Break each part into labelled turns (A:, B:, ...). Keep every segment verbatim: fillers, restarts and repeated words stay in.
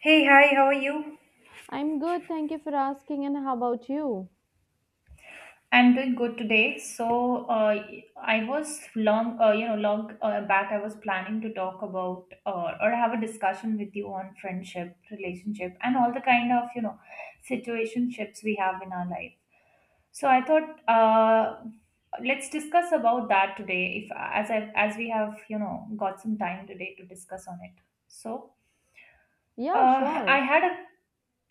A: Hey, hi, how are you?
B: I'm good, thank you for asking. And how about you?
A: I'm doing good today. So, uh, I was long, uh, you know, long uh, back. I was planning to talk about uh, or have a discussion with you on friendship, relationship, and all the kind of you know situationships we have in our life. So I thought, uh, let's discuss about that today. If as I as we have you know got some time today to discuss on it. So.
B: Yeah,
A: Uh, I
B: sure.
A: had a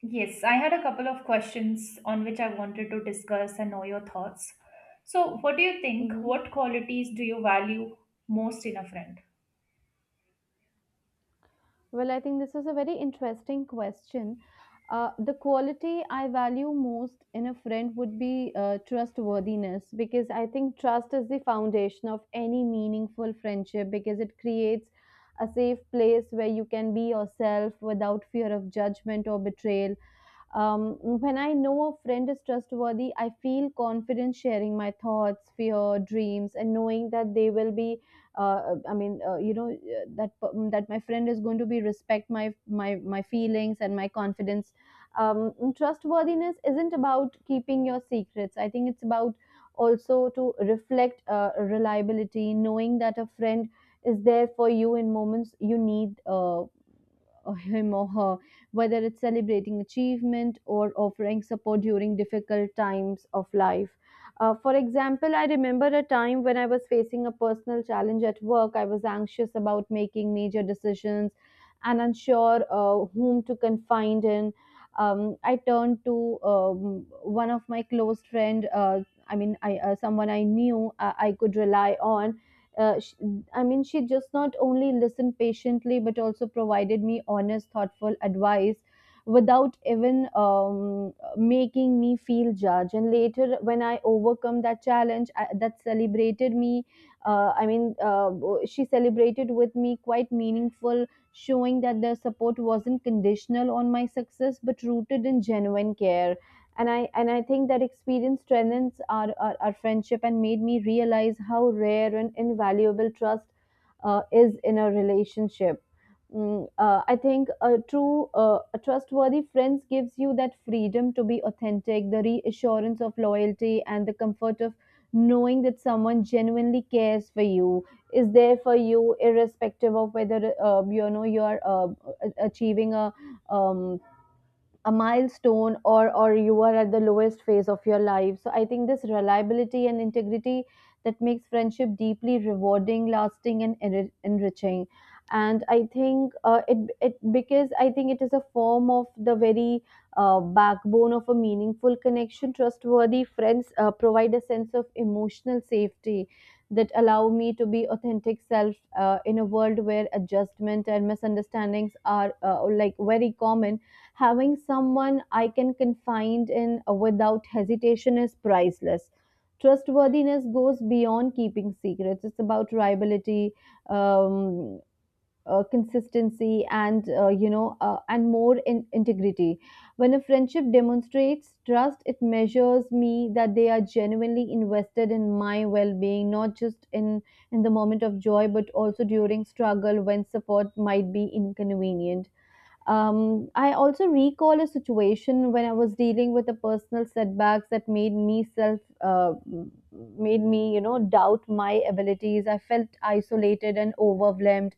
A: yes, I had a couple of questions on which I wanted to discuss and know your thoughts. So, what do you think?
B: Hmm.
A: What qualities do you value most in a friend?
B: Well, I think this is a very interesting question. Uh, the quality I value most in a friend would be uh, trustworthiness, because I think trust is the foundation of any meaningful friendship, because it creates a safe place where you can be yourself without fear of judgment or betrayal. Um, when I know a friend is trustworthy, I feel confident sharing my thoughts, fear, dreams, and knowing that they will be. Uh, I mean, uh, you know, uh, that p- mm, that my friend is going to be respect my my my feelings and my confidence. Um, trustworthiness isn't about keeping your secrets. I think it's about also to reflect uh, reliability, knowing that a friend is there for you in moments you need, uh, or him or her, whether it's celebrating achievement or offering support during difficult times of life. Uh, for example, I remember a time when I was facing a personal challenge at work. I was anxious about making major decisions and unsure uh, whom to confide in. Um, I turned to, um, one of my close friend. Uh, I mean, I, uh, someone I knew, uh, I could rely on. Uh, sh I mean, she just not only listened patiently, but also provided me honest, thoughtful advice without even, um, making me feel judged. And later, when I overcome that challenge, I, that celebrated me. Uh, I mean, uh, she celebrated with me quite meaningful, showing that their support wasn't conditional on my success, but rooted in genuine care. And i and i think that experience strengthens our, our, our friendship and made me realize how rare and invaluable trust uh, is in a relationship. Mm, uh, I think a true uh, a trustworthy friends gives you that freedom to be authentic, the reassurance of loyalty, and the comfort of knowing that someone genuinely cares for you, is there for you irrespective of whether, uh, you know you are, uh, a- achieving a, um, a milestone, or or you are at the lowest phase of your life. So I think this reliability and integrity, that makes friendship deeply rewarding, lasting, and enri- enriching. And I think, uh, it it because I think it is a form of the very, uh, backbone of a meaningful connection. Trustworthy friends uh, provide a sense of emotional safety that allow me to be authentic self, uh, in a world where adjustment and misunderstandings are, uh, like very common. Having someone I can confide in, uh, without hesitation is priceless. Trustworthiness goes beyond keeping secrets. It's about reliability, um, uh, consistency, and, uh, you know, uh, and more in integrity. When a friendship demonstrates trust, it measures me that they are genuinely invested in my well-being, not just in in the moment of joy, but also during struggle when support might be inconvenient. um, I also recall a situation when I was dealing with a personal setbacks that made me self, uh, made me, you know doubt my abilities. I felt isolated and overwhelmed,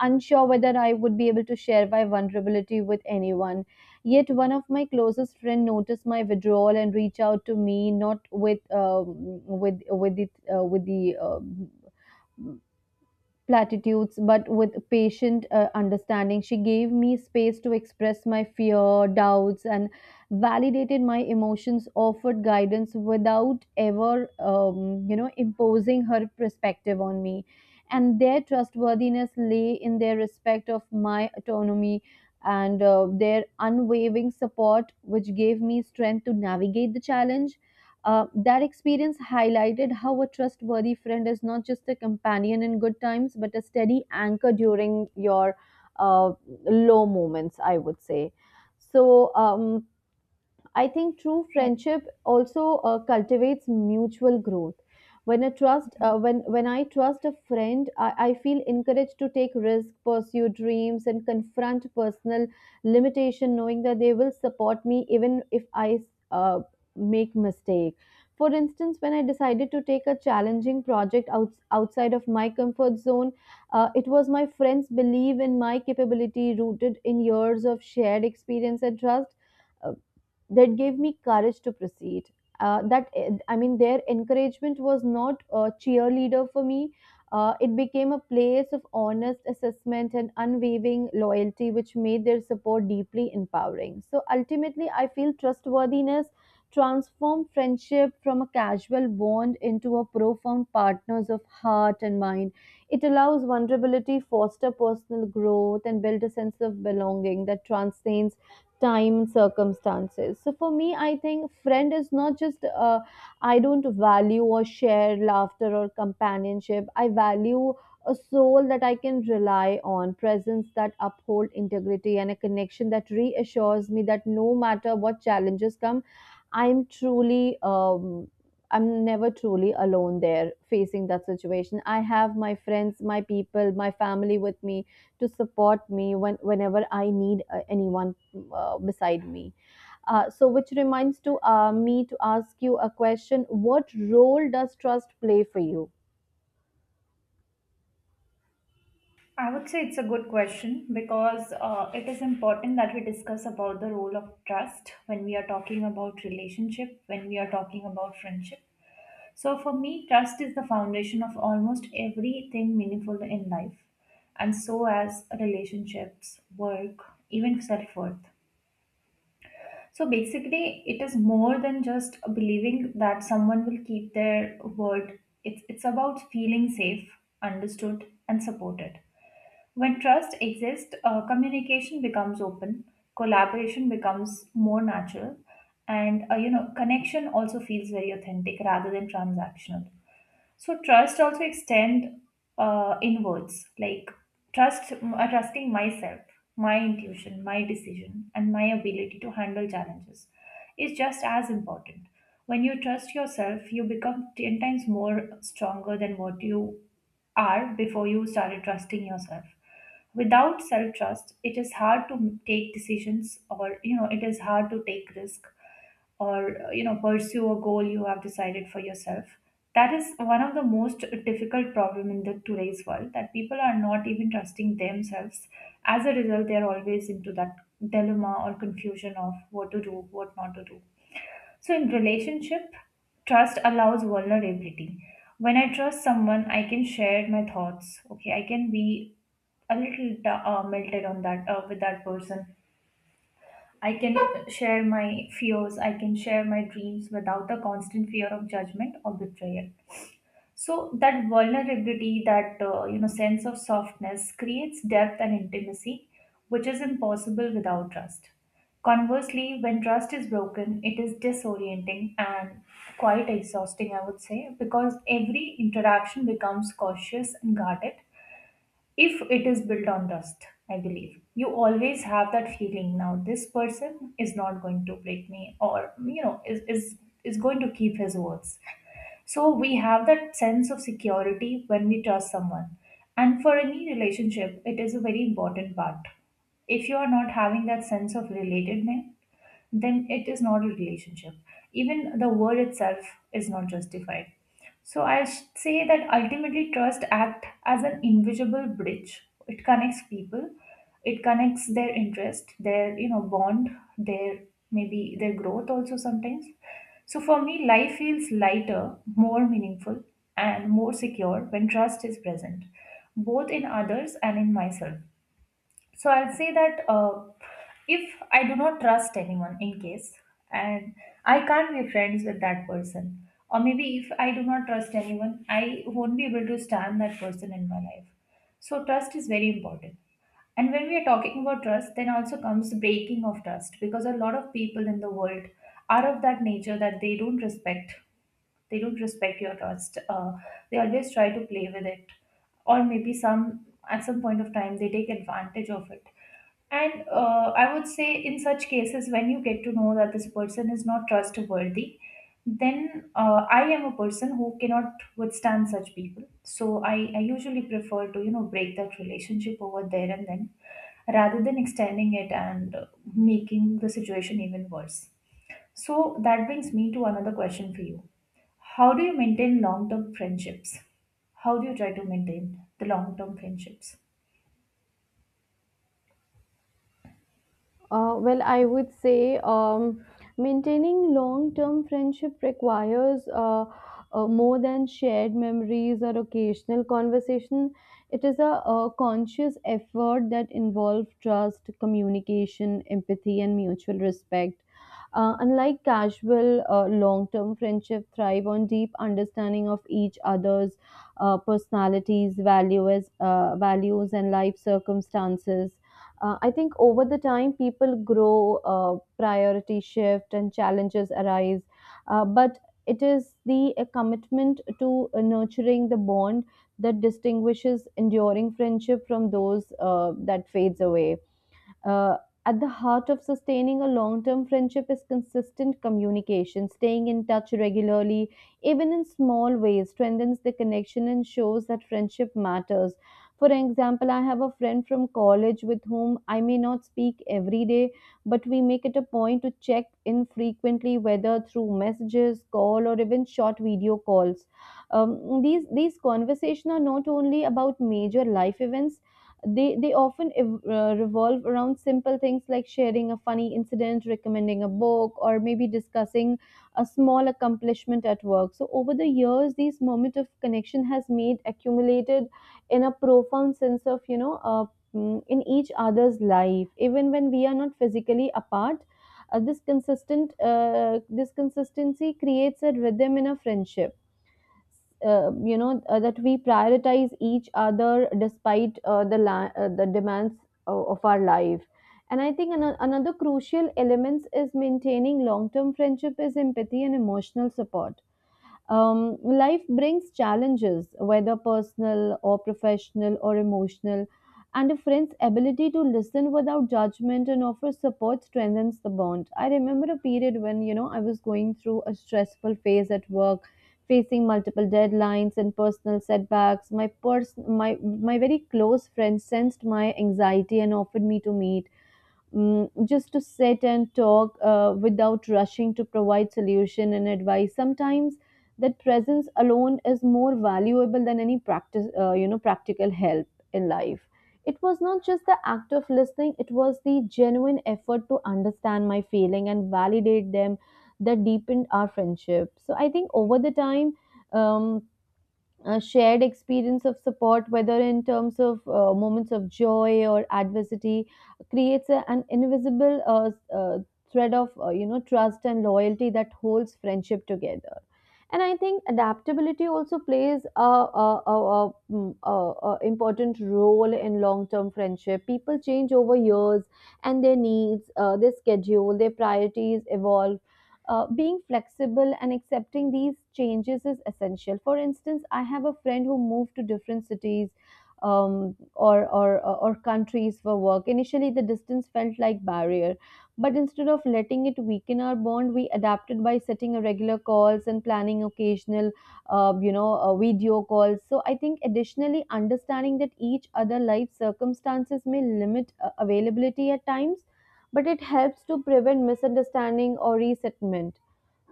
B: unsure whether I would be able to share my vulnerability with anyone. Yet one of my closest friend noticed my withdrawal and reached out to me, not with um with with the uh, with the uh, platitudes, but with patient, uh, understanding. She gave me space to express my fear, doubts, and validated my emotions, offered guidance without ever, um, you know, imposing her perspective on me. And their trustworthiness lay in their respect of my autonomy and, uh, their unwavering support, which gave me strength to navigate the challenge. Uh, that experience highlighted how a trustworthy friend is not just a companion in good times, but a steady anchor during your, uh, low moments, I would say. So, um, I think true friendship also uh, cultivates mutual growth. When a trust, uh, when when I trust a friend, I, I feel encouraged to take risks, pursue dreams, and confront personal limitation, knowing that they will support me even if I, uh, make mistake. For instance, when I decided to take a challenging project out, outside of my comfort zone, uh, it was my friends' belief in my capability, rooted in years of shared experience and trust, uh, that gave me courage to proceed. Uh, that I mean, their encouragement was not a cheerleader for me. Uh, it became a place of honest assessment and unwavering loyalty, which made their support deeply empowering. So ultimately, I feel trustworthiness transformed friendship from a casual bond into a profound partners of heart and mind. It allows vulnerability, foster personal growth, and build a sense of belonging that transcends time and circumstances. So for me, I think friend is not just, uh, I don't value or share laughter or companionship. I value a soul that I can rely on, presence that uphold integrity, and a connection that reassures me that no matter what challenges come, i'm truly um, I'm never truly alone there facing that situation. I have my friends, my people, my family with me to support me when, whenever I need, uh, anyone, uh, beside me. Uh, so, which reminds to, uh, me to ask you a question: what role does trust play for you?
A: I would say it's a good question because uh, it is important that we discuss about the role of trust when we are talking about relationship, when we are talking about friendship. So for me, trust is the foundation of almost everything meaningful in life, and so as relationships, work, even self worth. So basically, it is more than just believing that someone will keep their word. It's, it's about feeling safe, understood, and supported. When trust exists, uh, communication becomes open, collaboration becomes more natural, and uh, you know connection also feels very authentic rather than transactional. So trust also extend uh, inwards, like trust uh, trusting myself, my intuition, my decision, and my ability to handle challenges is just as important. When you trust yourself, you become ten times more stronger than what you are before you started trusting yourself. Without self trust, it is hard to take decisions, or you know, it is hard to take risk or uh, you know pursue a goal you have decided for yourself. That is one of the most difficult problem in the today's world that people are not even trusting themselves. As a result, they are always into that dilemma or confusion of what to do, what not to do. So in relationship, trust allows vulnerability. When I trust someone, I can share my thoughts. Okay, I can be a little uh, melted on that uh, with that person. I can share my fears, I can share my dreams without the constant fear of judgment or betrayal. So that vulnerability, that uh, you know sense of softness creates depth and intimacy, which is impossible without trust. Conversely, when trust is broken, it is disorienting and quite exhausting, I would say, because every interaction becomes cautious and guarded. If it is built on trust, I believe you always have that feeling now this person is not going to break me, or you know is is is going to keep his words. So we have that sense of security when we trust someone, and for any relationship it is a very important part. If you are not having that sense of relatedness, then it is not a relationship. Even the word itself is not justified. So I sh- say that ultimately trust act as an invisible bridge. It connects people, it connects their interest, their you know bond, their maybe their growth also sometimes. So for me, life feels lighter, more meaningful, and more secure when trust is present, both in others and in myself. So I'll say that, uh, if I do not trust anyone, in case, and I can't be friends with that person, or maybe if I do not trust anyone, I won't be able to stand that person in my life. So trust is very important. And when we are talking about trust, then also comes the breaking of trust, because a lot of people in the world are of that nature that they don't respect they don't respect your trust. Uh, they always try to play with it, or maybe some at some point of time they take advantage of it. And uh, I would say, in such cases, when you get to know that this person is not trustworthy, then uh, I am a person who cannot withstand such people. So I, I usually prefer to, you know, break that relationship over there and then, rather than extending it and uh, making the situation even worse. So that brings me to another question for you. How do you maintain long term friendships? How do you try to maintain the long term friendships?
B: Uh, well, I would say, um, maintaining long term friendship requires, uh, uh, more than shared memories or occasional conversation. It is a, a conscious effort that involves trust, communication, empathy, and mutual respect. Uh, unlike casual, uh, long term friendship thrive on deep understanding of each other's, uh, personalities, values, uh, values, and life circumstances. uh, I think over the time, people grow, uh, priority shift, and challenges arise. Uh, but it is the, uh, commitment to, uh, nurturing the bond that distinguishes enduring friendship from those, uh, that fades away. Uh, at the heart of sustaining a long term friendship is consistent communication. Staying in touch regularly, even in small ways, strengthens the connection and shows that friendship matters. For example, I have a friend from college with whom I may not speak every day, but we make it a point to check in frequently, whether through messages, call, or even short video calls. Um, these, these conversations are not only about major life events. They they often, ev- uh, revolve around simple things like sharing a funny incident, recommending a book, or maybe discussing a small accomplishment at work. So over the years, these moment of connection has made accumulated in a profound sense of, you know uh, mm, in each other's life, even when we are not physically apart. Uh, this consistent uh, this consistency creates a rhythm in a friendship, uh, you know uh, that we prioritize each other despite, uh, the la- uh, the demands of, of our life. And I think, an- another crucial element is maintaining long term friendship is empathy and emotional support. Um, life brings challenges, whether personal or professional or emotional, and a friend's ability to listen without judgment and offer support strengthens the bond. I remember a period when, you know, I was going through a stressful phase at work, facing multiple deadlines and personal setbacks. My pers- my my very close friend sensed my anxiety and offered me to meet. Mm, just to sit and talk, uh, without rushing to provide solution and advice sometimes. That presence alone is more valuable than any practice uh, you know practical help in life. It was not just the act of listening, it was the genuine effort to understand my feeling and validate them that deepened our friendship. So I think over the time, um, a shared experience of support, whether in terms of, uh, moments of joy or adversity, creates a, an invisible, uh, s- uh, thread of, uh, you know trust and loyalty that holds friendship together. And I think adaptability also plays a, a, a, a, mm, a, a important role in long-term friendship. People change over years, and their needs, uh, their schedule, their priorities evolve. Uh, being flexible and accepting these changes is essential. For instance, I have a friend who moved to different cities, um, or, or or countries for work. Initially, the distance felt like barrier, but instead of letting it weaken our bond, we adapted by setting a regular calls and planning occasional, uh, you know, uh, video calls. So I think additionally, understanding that each other life circumstances may limit, uh, availability at times, but it helps to prevent misunderstanding or resettlement.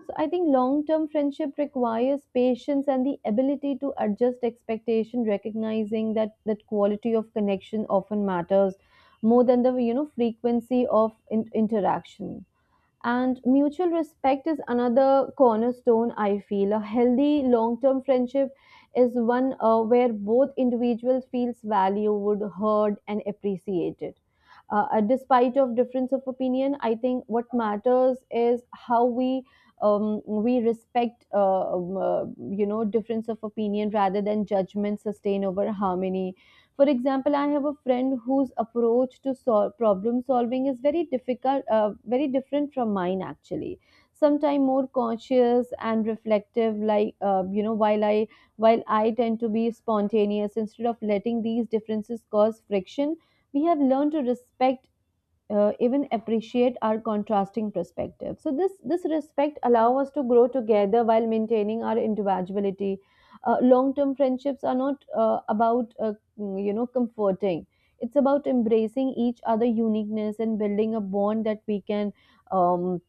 B: So I think long term friendship requires patience and the ability to adjust expectation, recognizing that that quality of connection often matters more than the you know frequency of, in- interaction. And mutual respect is another cornerstone, I feel. A healthy long term friendship is one, uh, where both individuals feels valued, heard, and appreciated. Uh, uh, despite of difference of opinion, I think what matters is how we um, we respect uh, um, uh, you know difference of opinion rather than judgment sustain over harmony. For example, I have a friend whose approach to sol- problem solving is very difficult uh, very different from mine, actually. Sometimes more cautious and reflective, like uh, you know while i while i tend to be spontaneous. Instead of letting these differences cause friction, we have learned to respect, uh, even appreciate our contrasting perspective. So this this respect allow us to grow together while maintaining our individuality. Uh, Long term friendships are not uh, about uh, mm, you know comforting. It's about embracing each other uniqueness and building a bond that we can um,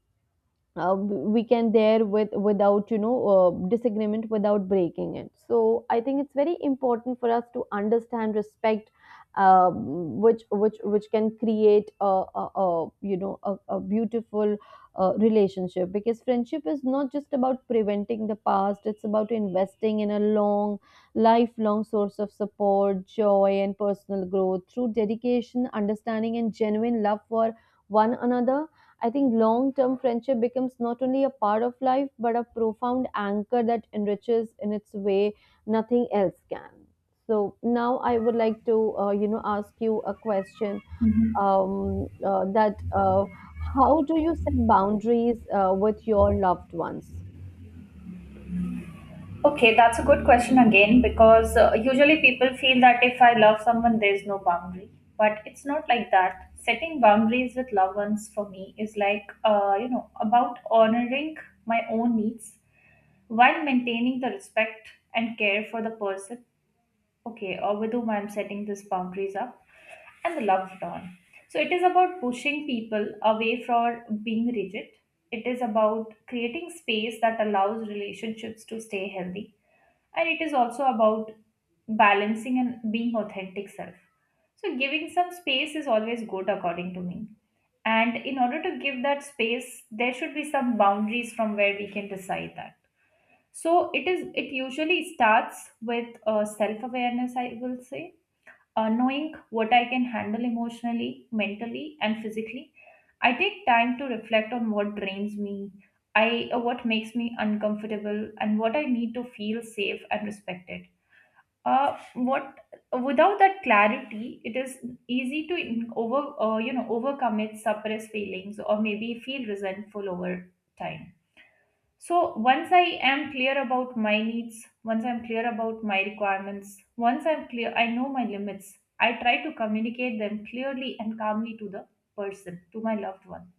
B: uh, we can there with without you know uh, disagreement without breaking it. So I think it's very important for us to understand respect, um, which which which can create a, a, a you know a, a beautiful uh, relationship, because friendship is not just about preventing the past. It's about investing in a long, lifelong source of support, joy, and personal growth through dedication, understanding, and genuine love for one another. I think long term friendship becomes not only a part of life, but a profound anchor that enriches in its way nothing else can. So now I would like to, uh, you know, ask you a question,
A: Mhm.
B: um, uh, that uh, how do you set boundaries uh, with your loved ones?
A: Okay, that's a good question again, because uh, usually people feel that if I love someone, there's no boundary. But it's not like that. Setting boundaries with loved ones for me is like, uh, you know, about honoring my own needs while maintaining the respect and care for the person, okay, or with whom I'm setting these boundaries up, and the loved one. So it is about pushing people away from being rigid. It is about creating space that allows relationships to stay healthy, and it is also about balancing and being authentic self. So giving some space is always good according to me, and in order to give that space there should be some boundaries from where we can decide that. So it is, it usually starts with uh, self awareness, I will say. Uh, knowing what I can handle emotionally, mentally, and physically. I take time to reflect on what drains me, I uh, what makes me uncomfortable, and what I need to feel safe and respected. Uh, what Without that clarity, it is easy to in- over uh, you know overcome it, suppress feelings, or maybe feel resentful over time. So once I am clear about my needs, once I'm clear about my requirements, once I'm clear, I know my limits. I try to communicate them clearly and calmly to the person, to my loved one.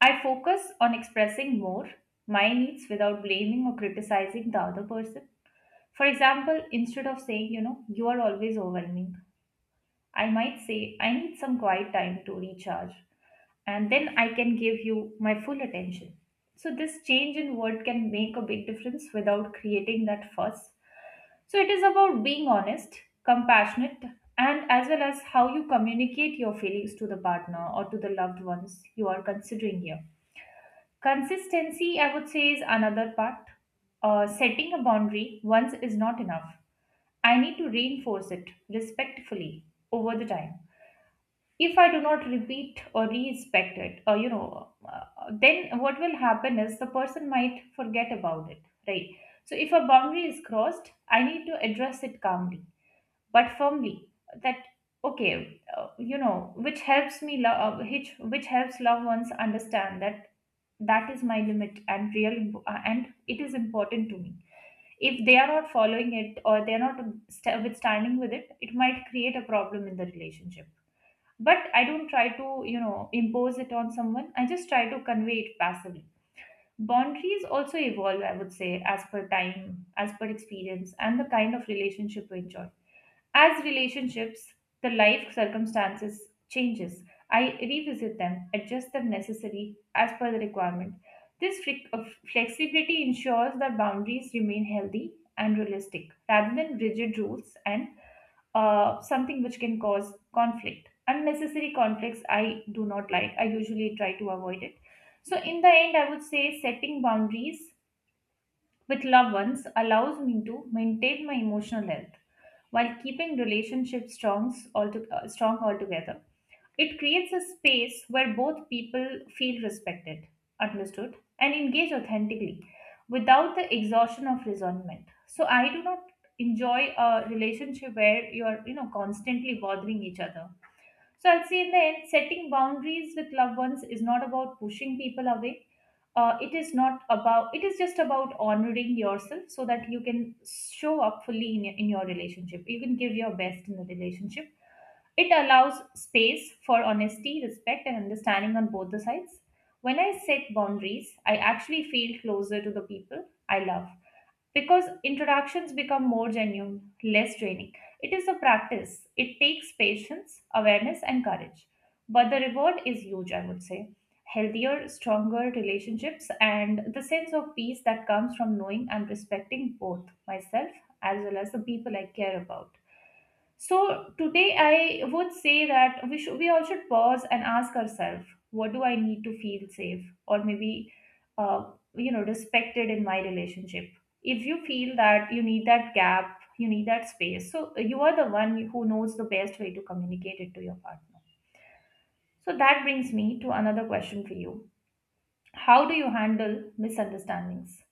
A: I focus on expressing more my needs without blaming or criticizing the other person. For example, instead of saying, you know, you are always overwhelming, I might say, I need some quiet time to recharge, and then I can give you my full attention. So, this change in word can make a big difference without creating that fuss. So, it is about being honest, compassionate, and as well as how you communicate your feelings to the partner or to the loved ones you are considering here. Consistency, I would say, is another part. Uh, setting a boundary once is not enough. I need to reinforce it respectfully over the time. If I do not repeat or respect it, or you know uh, then what will happen is the person might forget about it, right? So if a boundary is crossed, I need to address it calmly but firmly, that okay, uh, you know, which helps me lo- uh, which which helps loved ones understand that that is my limit and real, uh, and it is important to me. If they are not following it, or they are not st- withstanding with it, it might create a problem in the relationship. But I don't try to, you know, impose it on someone. I just try to convey it passively. Boundaries also evolve, I would say, as per time, as per experience, and the kind of relationship we enjoy. As relationships, the life circumstances changes. I revisit them, adjust them necessary as per the requirement. This fre- uh, flexibility ensures that boundaries remain healthy and realistic rather than rigid rules and uh, something which can cause conflict. Unnecessary conflicts I do not like. I usually try to avoid it. So, in the end, I would say setting boundaries with loved ones allows me to maintain my emotional health while keeping relationships strong, alto- uh, strong altogether. It creates a space where both people feel respected, understood, and engage authentically without the exhaustion of resentment. So I do not enjoy a relationship where you're, you know, constantly bothering each other. So I'll say in the end, setting boundaries with loved ones is not about pushing people away. Uh, it is not about. It is just about honoring yourself so that you can show up fully in your, in your relationship. You can give your best in the relationship. It allows space for honesty, respect, and understanding on both the sides. When I set boundaries, I actually feel closer to the people I love because introductions become more genuine, less draining. It is a practice. It takes patience, awareness, and courage. But the reward is huge, I would say. Healthier, stronger relationships, and the sense of peace that comes from knowing and respecting both myself as well as the people I care about. So today I would say that we should we all should pause and ask ourselves, what do I need to feel safe or maybe uh, you know respected in my relationship? If you feel that you need that gap, you need that space, so you are the one who knows the best way to communicate it to your partner. So that brings me to another question for you. How do you handle misunderstandings?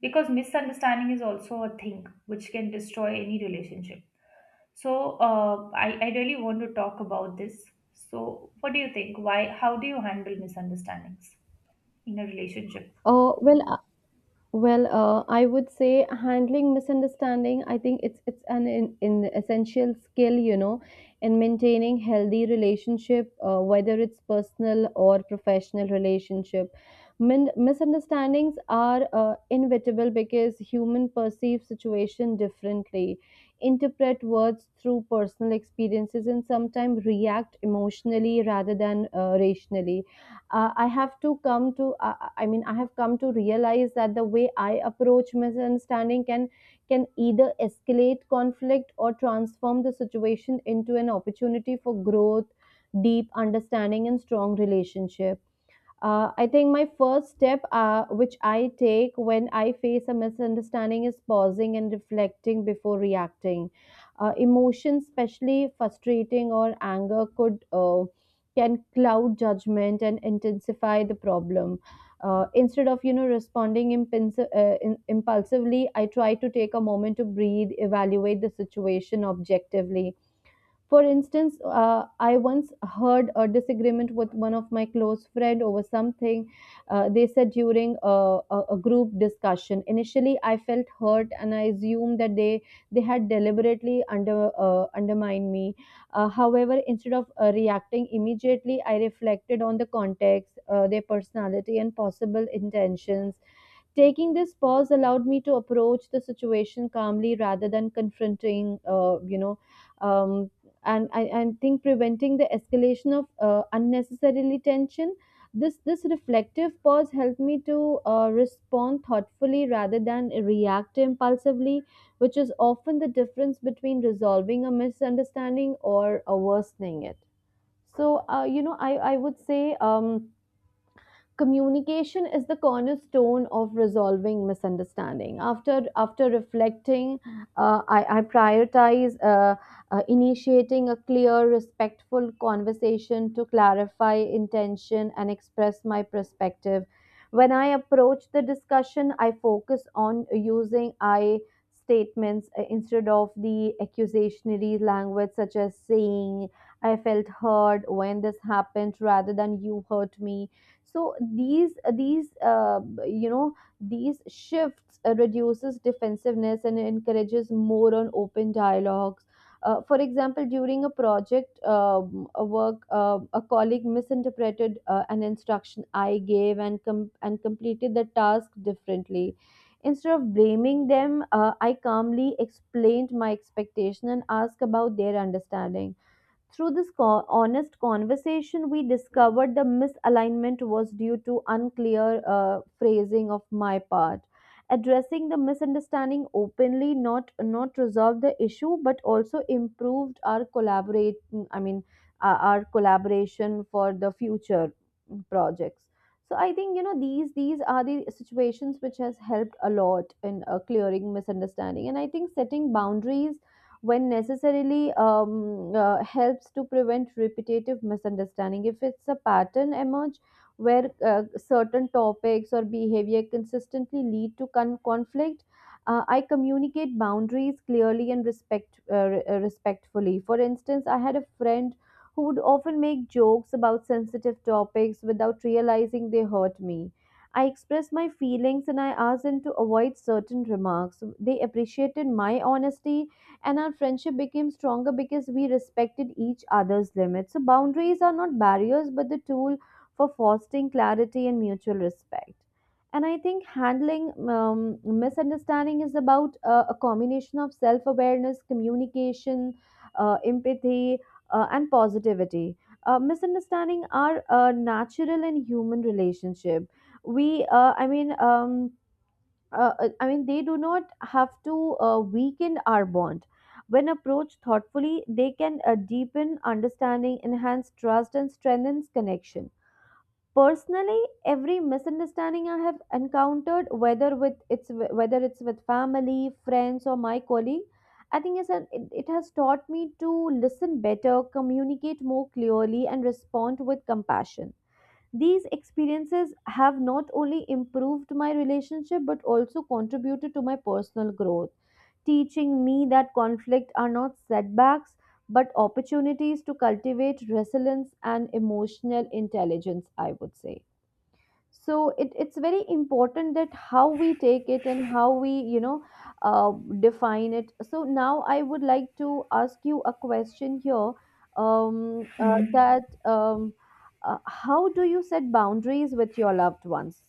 A: Because misunderstanding is also a thing which can destroy any relationship, so uh, I, I really want to talk about this. So what do you think? Why? How do you handle misunderstandings in a relationship?
B: Uh, well, Well, uh, I would say handling misunderstanding, I think it's it's an in, in essential skill, you know, in maintaining healthy relationship, uh, whether it's personal or professional relationship. Min- misunderstandings are uh, inevitable because human perceive situation differently, interpret words through personal experiences, and sometimes react emotionally rather than uh, rationally. Uh, I have to come to uh, I mean I have come to realize that the way I approach misunderstanding can can either escalate conflict or transform the situation into an opportunity for growth, deep understanding, and strong relationship. uh, I think my first step, uh, which I take when I face a misunderstanding, is pausing and reflecting before reacting. Uh, emotions, especially frustrating or anger, could uh, can cloud judgment and intensify the problem. Uh, instead of, you know, responding impins- uh, in- impulsively, I try to take a moment to breathe, evaluate the situation objectively. For instance, uh, I once heard a disagreement with one of my close friend over something uh, they said during a, a, a group discussion. Initially, I felt hurt and I assumed that they they had deliberately under uh, undermined me. Uh, however, instead of uh, reacting immediately, I reflected on the context, uh, their personality, and possible intentions. Taking this pause allowed me to approach the situation calmly rather than confronting, uh, you know, um, and I and think preventing the escalation of uh, unnecessarily tension. This this reflective pause helped me to uh, respond thoughtfully rather than react impulsively, which is often the difference between resolving a misunderstanding or uh, worsening it. So, uh, you know, I I would say, Um, communication is the cornerstone of resolving misunderstanding. After after reflecting, uh, I, I prioritize uh, uh, initiating a clear respectful conversation to clarify intention and express my perspective. When I approach the discussion, I focus on using I statements, uh, instead of the accusationary language, such as saying I felt hurt when this happened rather than you hurt me. So these these uh, you know these shifts uh, reduces defensiveness and encourages more on open dialogues. Uh, for example, during a project, um, a work, uh, a colleague misinterpreted uh, an instruction I gave and com- and completed the task differently. Instead of blaming them, uh, I calmly explained my expectation and asked about their understanding. Through this co- honest conversation, we discovered the misalignment was due to unclear uh, phrasing of my part. Addressing the misunderstanding openly not not resolved the issue, but also improved our collaborate. I mean, uh, our collaboration for the future projects. So I think, you know, these these are the situations which has helped a lot in uh, clearing misunderstanding. And I think setting boundaries when necessarily um, uh, helps to prevent repetitive misunderstanding if it's a pattern emerge where uh, certain topics or behavior consistently lead to con- conflict. uh, I communicate boundaries clearly and respect uh, re- uh, respectfully. For instance, I had a friend who would often make jokes about sensitive topics without realizing they hurt me. I expressed my feelings and I asked them to avoid certain remarks. They appreciated my honesty, and our friendship became stronger because we respected each other's limits. So, boundaries are not barriers but the tool for fostering clarity and mutual respect. And I think handling um, misunderstanding is about uh, a combination of self awareness, communication, uh, empathy, uh, and positivity. Uh, misunderstanding are a natural and human relationship. We, uh, I mean, um, uh, uh, I mean, they do not have to uh, weaken our bond. When approached thoughtfully, they can uh, deepen understanding, enhance trust, and strengthen connection. Personally, every misunderstanding I have encountered, whether with it's whether it's with family, friends, or my colleague, I think it's an, it, it has taught me to listen better, communicate more clearly, and respond with compassion. These experiences have not only improved my relationship but also contributed to my personal growth, teaching me that conflict are not setbacks but opportunities to cultivate resilience and emotional intelligence, I would say. So it, it's very important that how we take it and how we, you know, uh, define it. So now I would like to ask you a question here, um, uh,
A: Mhm.
B: that um, uh, how do you set boundaries with your loved ones?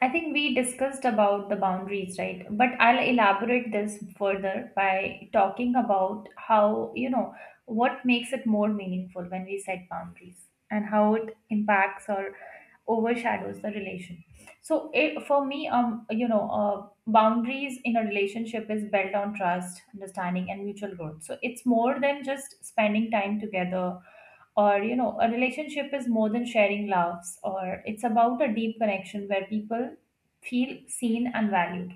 A: I think we discussed about the boundaries, right? But I'll elaborate this further by talking about how, you know, what makes it more meaningful when we set boundaries and how it impacts our overshadows the relation. So it, for me, um you know uh, boundaries in a relationship is built on trust, understanding, and mutual growth. So it's more than just spending time together, or you know a relationship is more than sharing laughs, or it's about a deep connection where people feel seen and valued.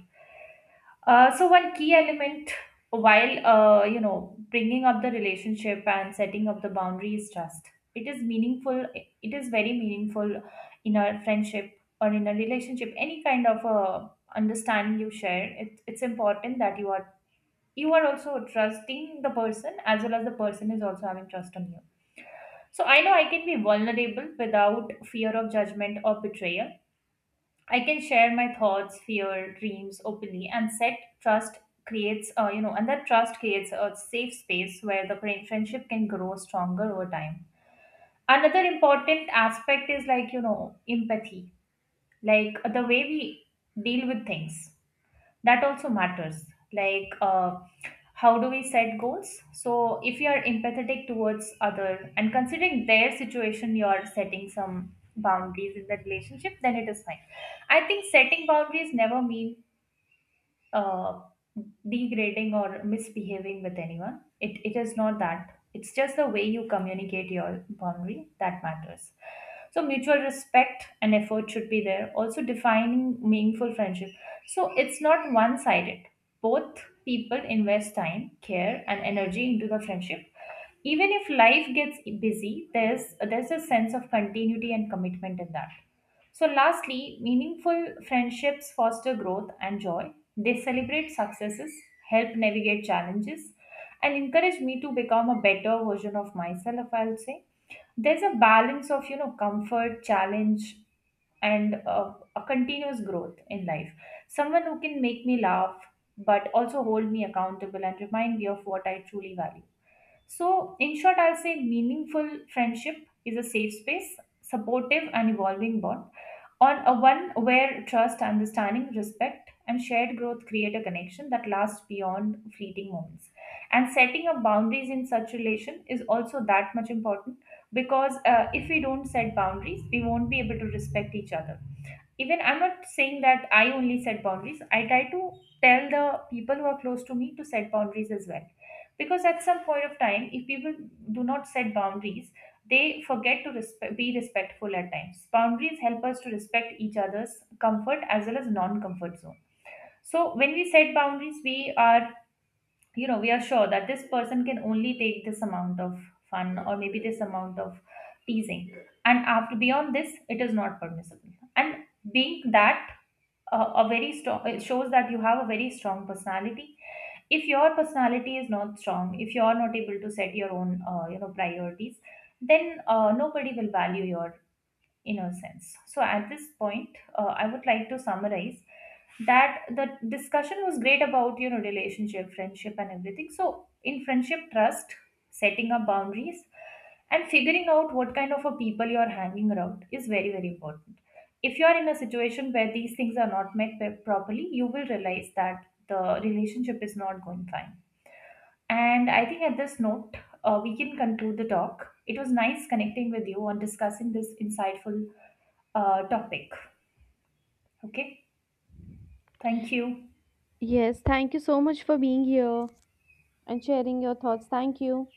A: uh, So one key element while uh, you know bringing up the relationship and setting up the boundary is trust. It is meaningful. It is very meaningful in a friendship or in a relationship. Any kind of uh, understanding you share, it, it's important that you are you are also trusting the person as well as the person is also having trust on you. So I know I can be vulnerable without fear of judgment or betrayal. I can share my thoughts, fear, dreams openly, and set trust creates, uh, you know, and that trust creates a safe space where the friend- friendship can grow stronger over time. Another important aspect is, like, you know, empathy, like the way we deal with things, that also matters. Like uh, how do we set goals. So if you are empathetic towards other and considering their situation, you are setting some boundaries in that relationship, then it is fine. I think setting boundaries never mean uh, degrading or misbehaving with anyone. It, it is not that. It's just the way you communicate your boundary that matters. So, mutual respect and effort should be there. Also, defining meaningful friendship. So, it's not one sided. Both people invest time, care, and energy into the friendship. Even if life gets busy, there's, there's a sense of continuity and commitment in that. So, lastly, meaningful friendships foster growth and joy. They celebrate successes, help navigate challenges, and encourage me to become a better version of myself, I'll say. There's a balance of, you know, comfort, challenge, and uh, a continuous growth in life. Someone who can make me laugh, but also hold me accountable and remind me of what I truly value. So, in short, I'll say meaningful friendship is a safe space, supportive and evolving bond, on a one where trust, understanding, respect, and shared growth create a connection that lasts beyond fleeting moments. And setting up boundaries in such relation is also that much important, because uh, if we don't set boundaries, we won't be able to respect each other. Even I'm not saying that I only set boundaries, I try to tell the people who are close to me to set boundaries as well, because at some point of time, if people do not set boundaries, they forget to respe- be respectful at times. Boundaries help us to respect each other's comfort as well as non-comfort zone. So when we set boundaries, we are, you know, we are sure that this person can only take this amount of fun, or maybe this amount of teasing, and after beyond this it is not permissible. And being that uh, a very strong, it shows that you have a very strong personality. If your personality is not strong, if you are not able to set your own uh, you know priorities, then uh, nobody will value your innocence. So, at this point, uh, I would like to summarize that the discussion was great about, you know, relationship, friendship, and everything. So, in friendship, trust, setting up boundaries, and figuring out what kind of a people you are hanging around is very very important. If you are in a situation where these things are not met pe- properly, you will realize that the relationship is not going fine. And I think at this note, uh, we can conclude the talk. It was nice connecting with you and discussing this insightful uh, topic. Okay, thank you.
B: Yes, thank you so much for being here and sharing your thoughts. Thank you.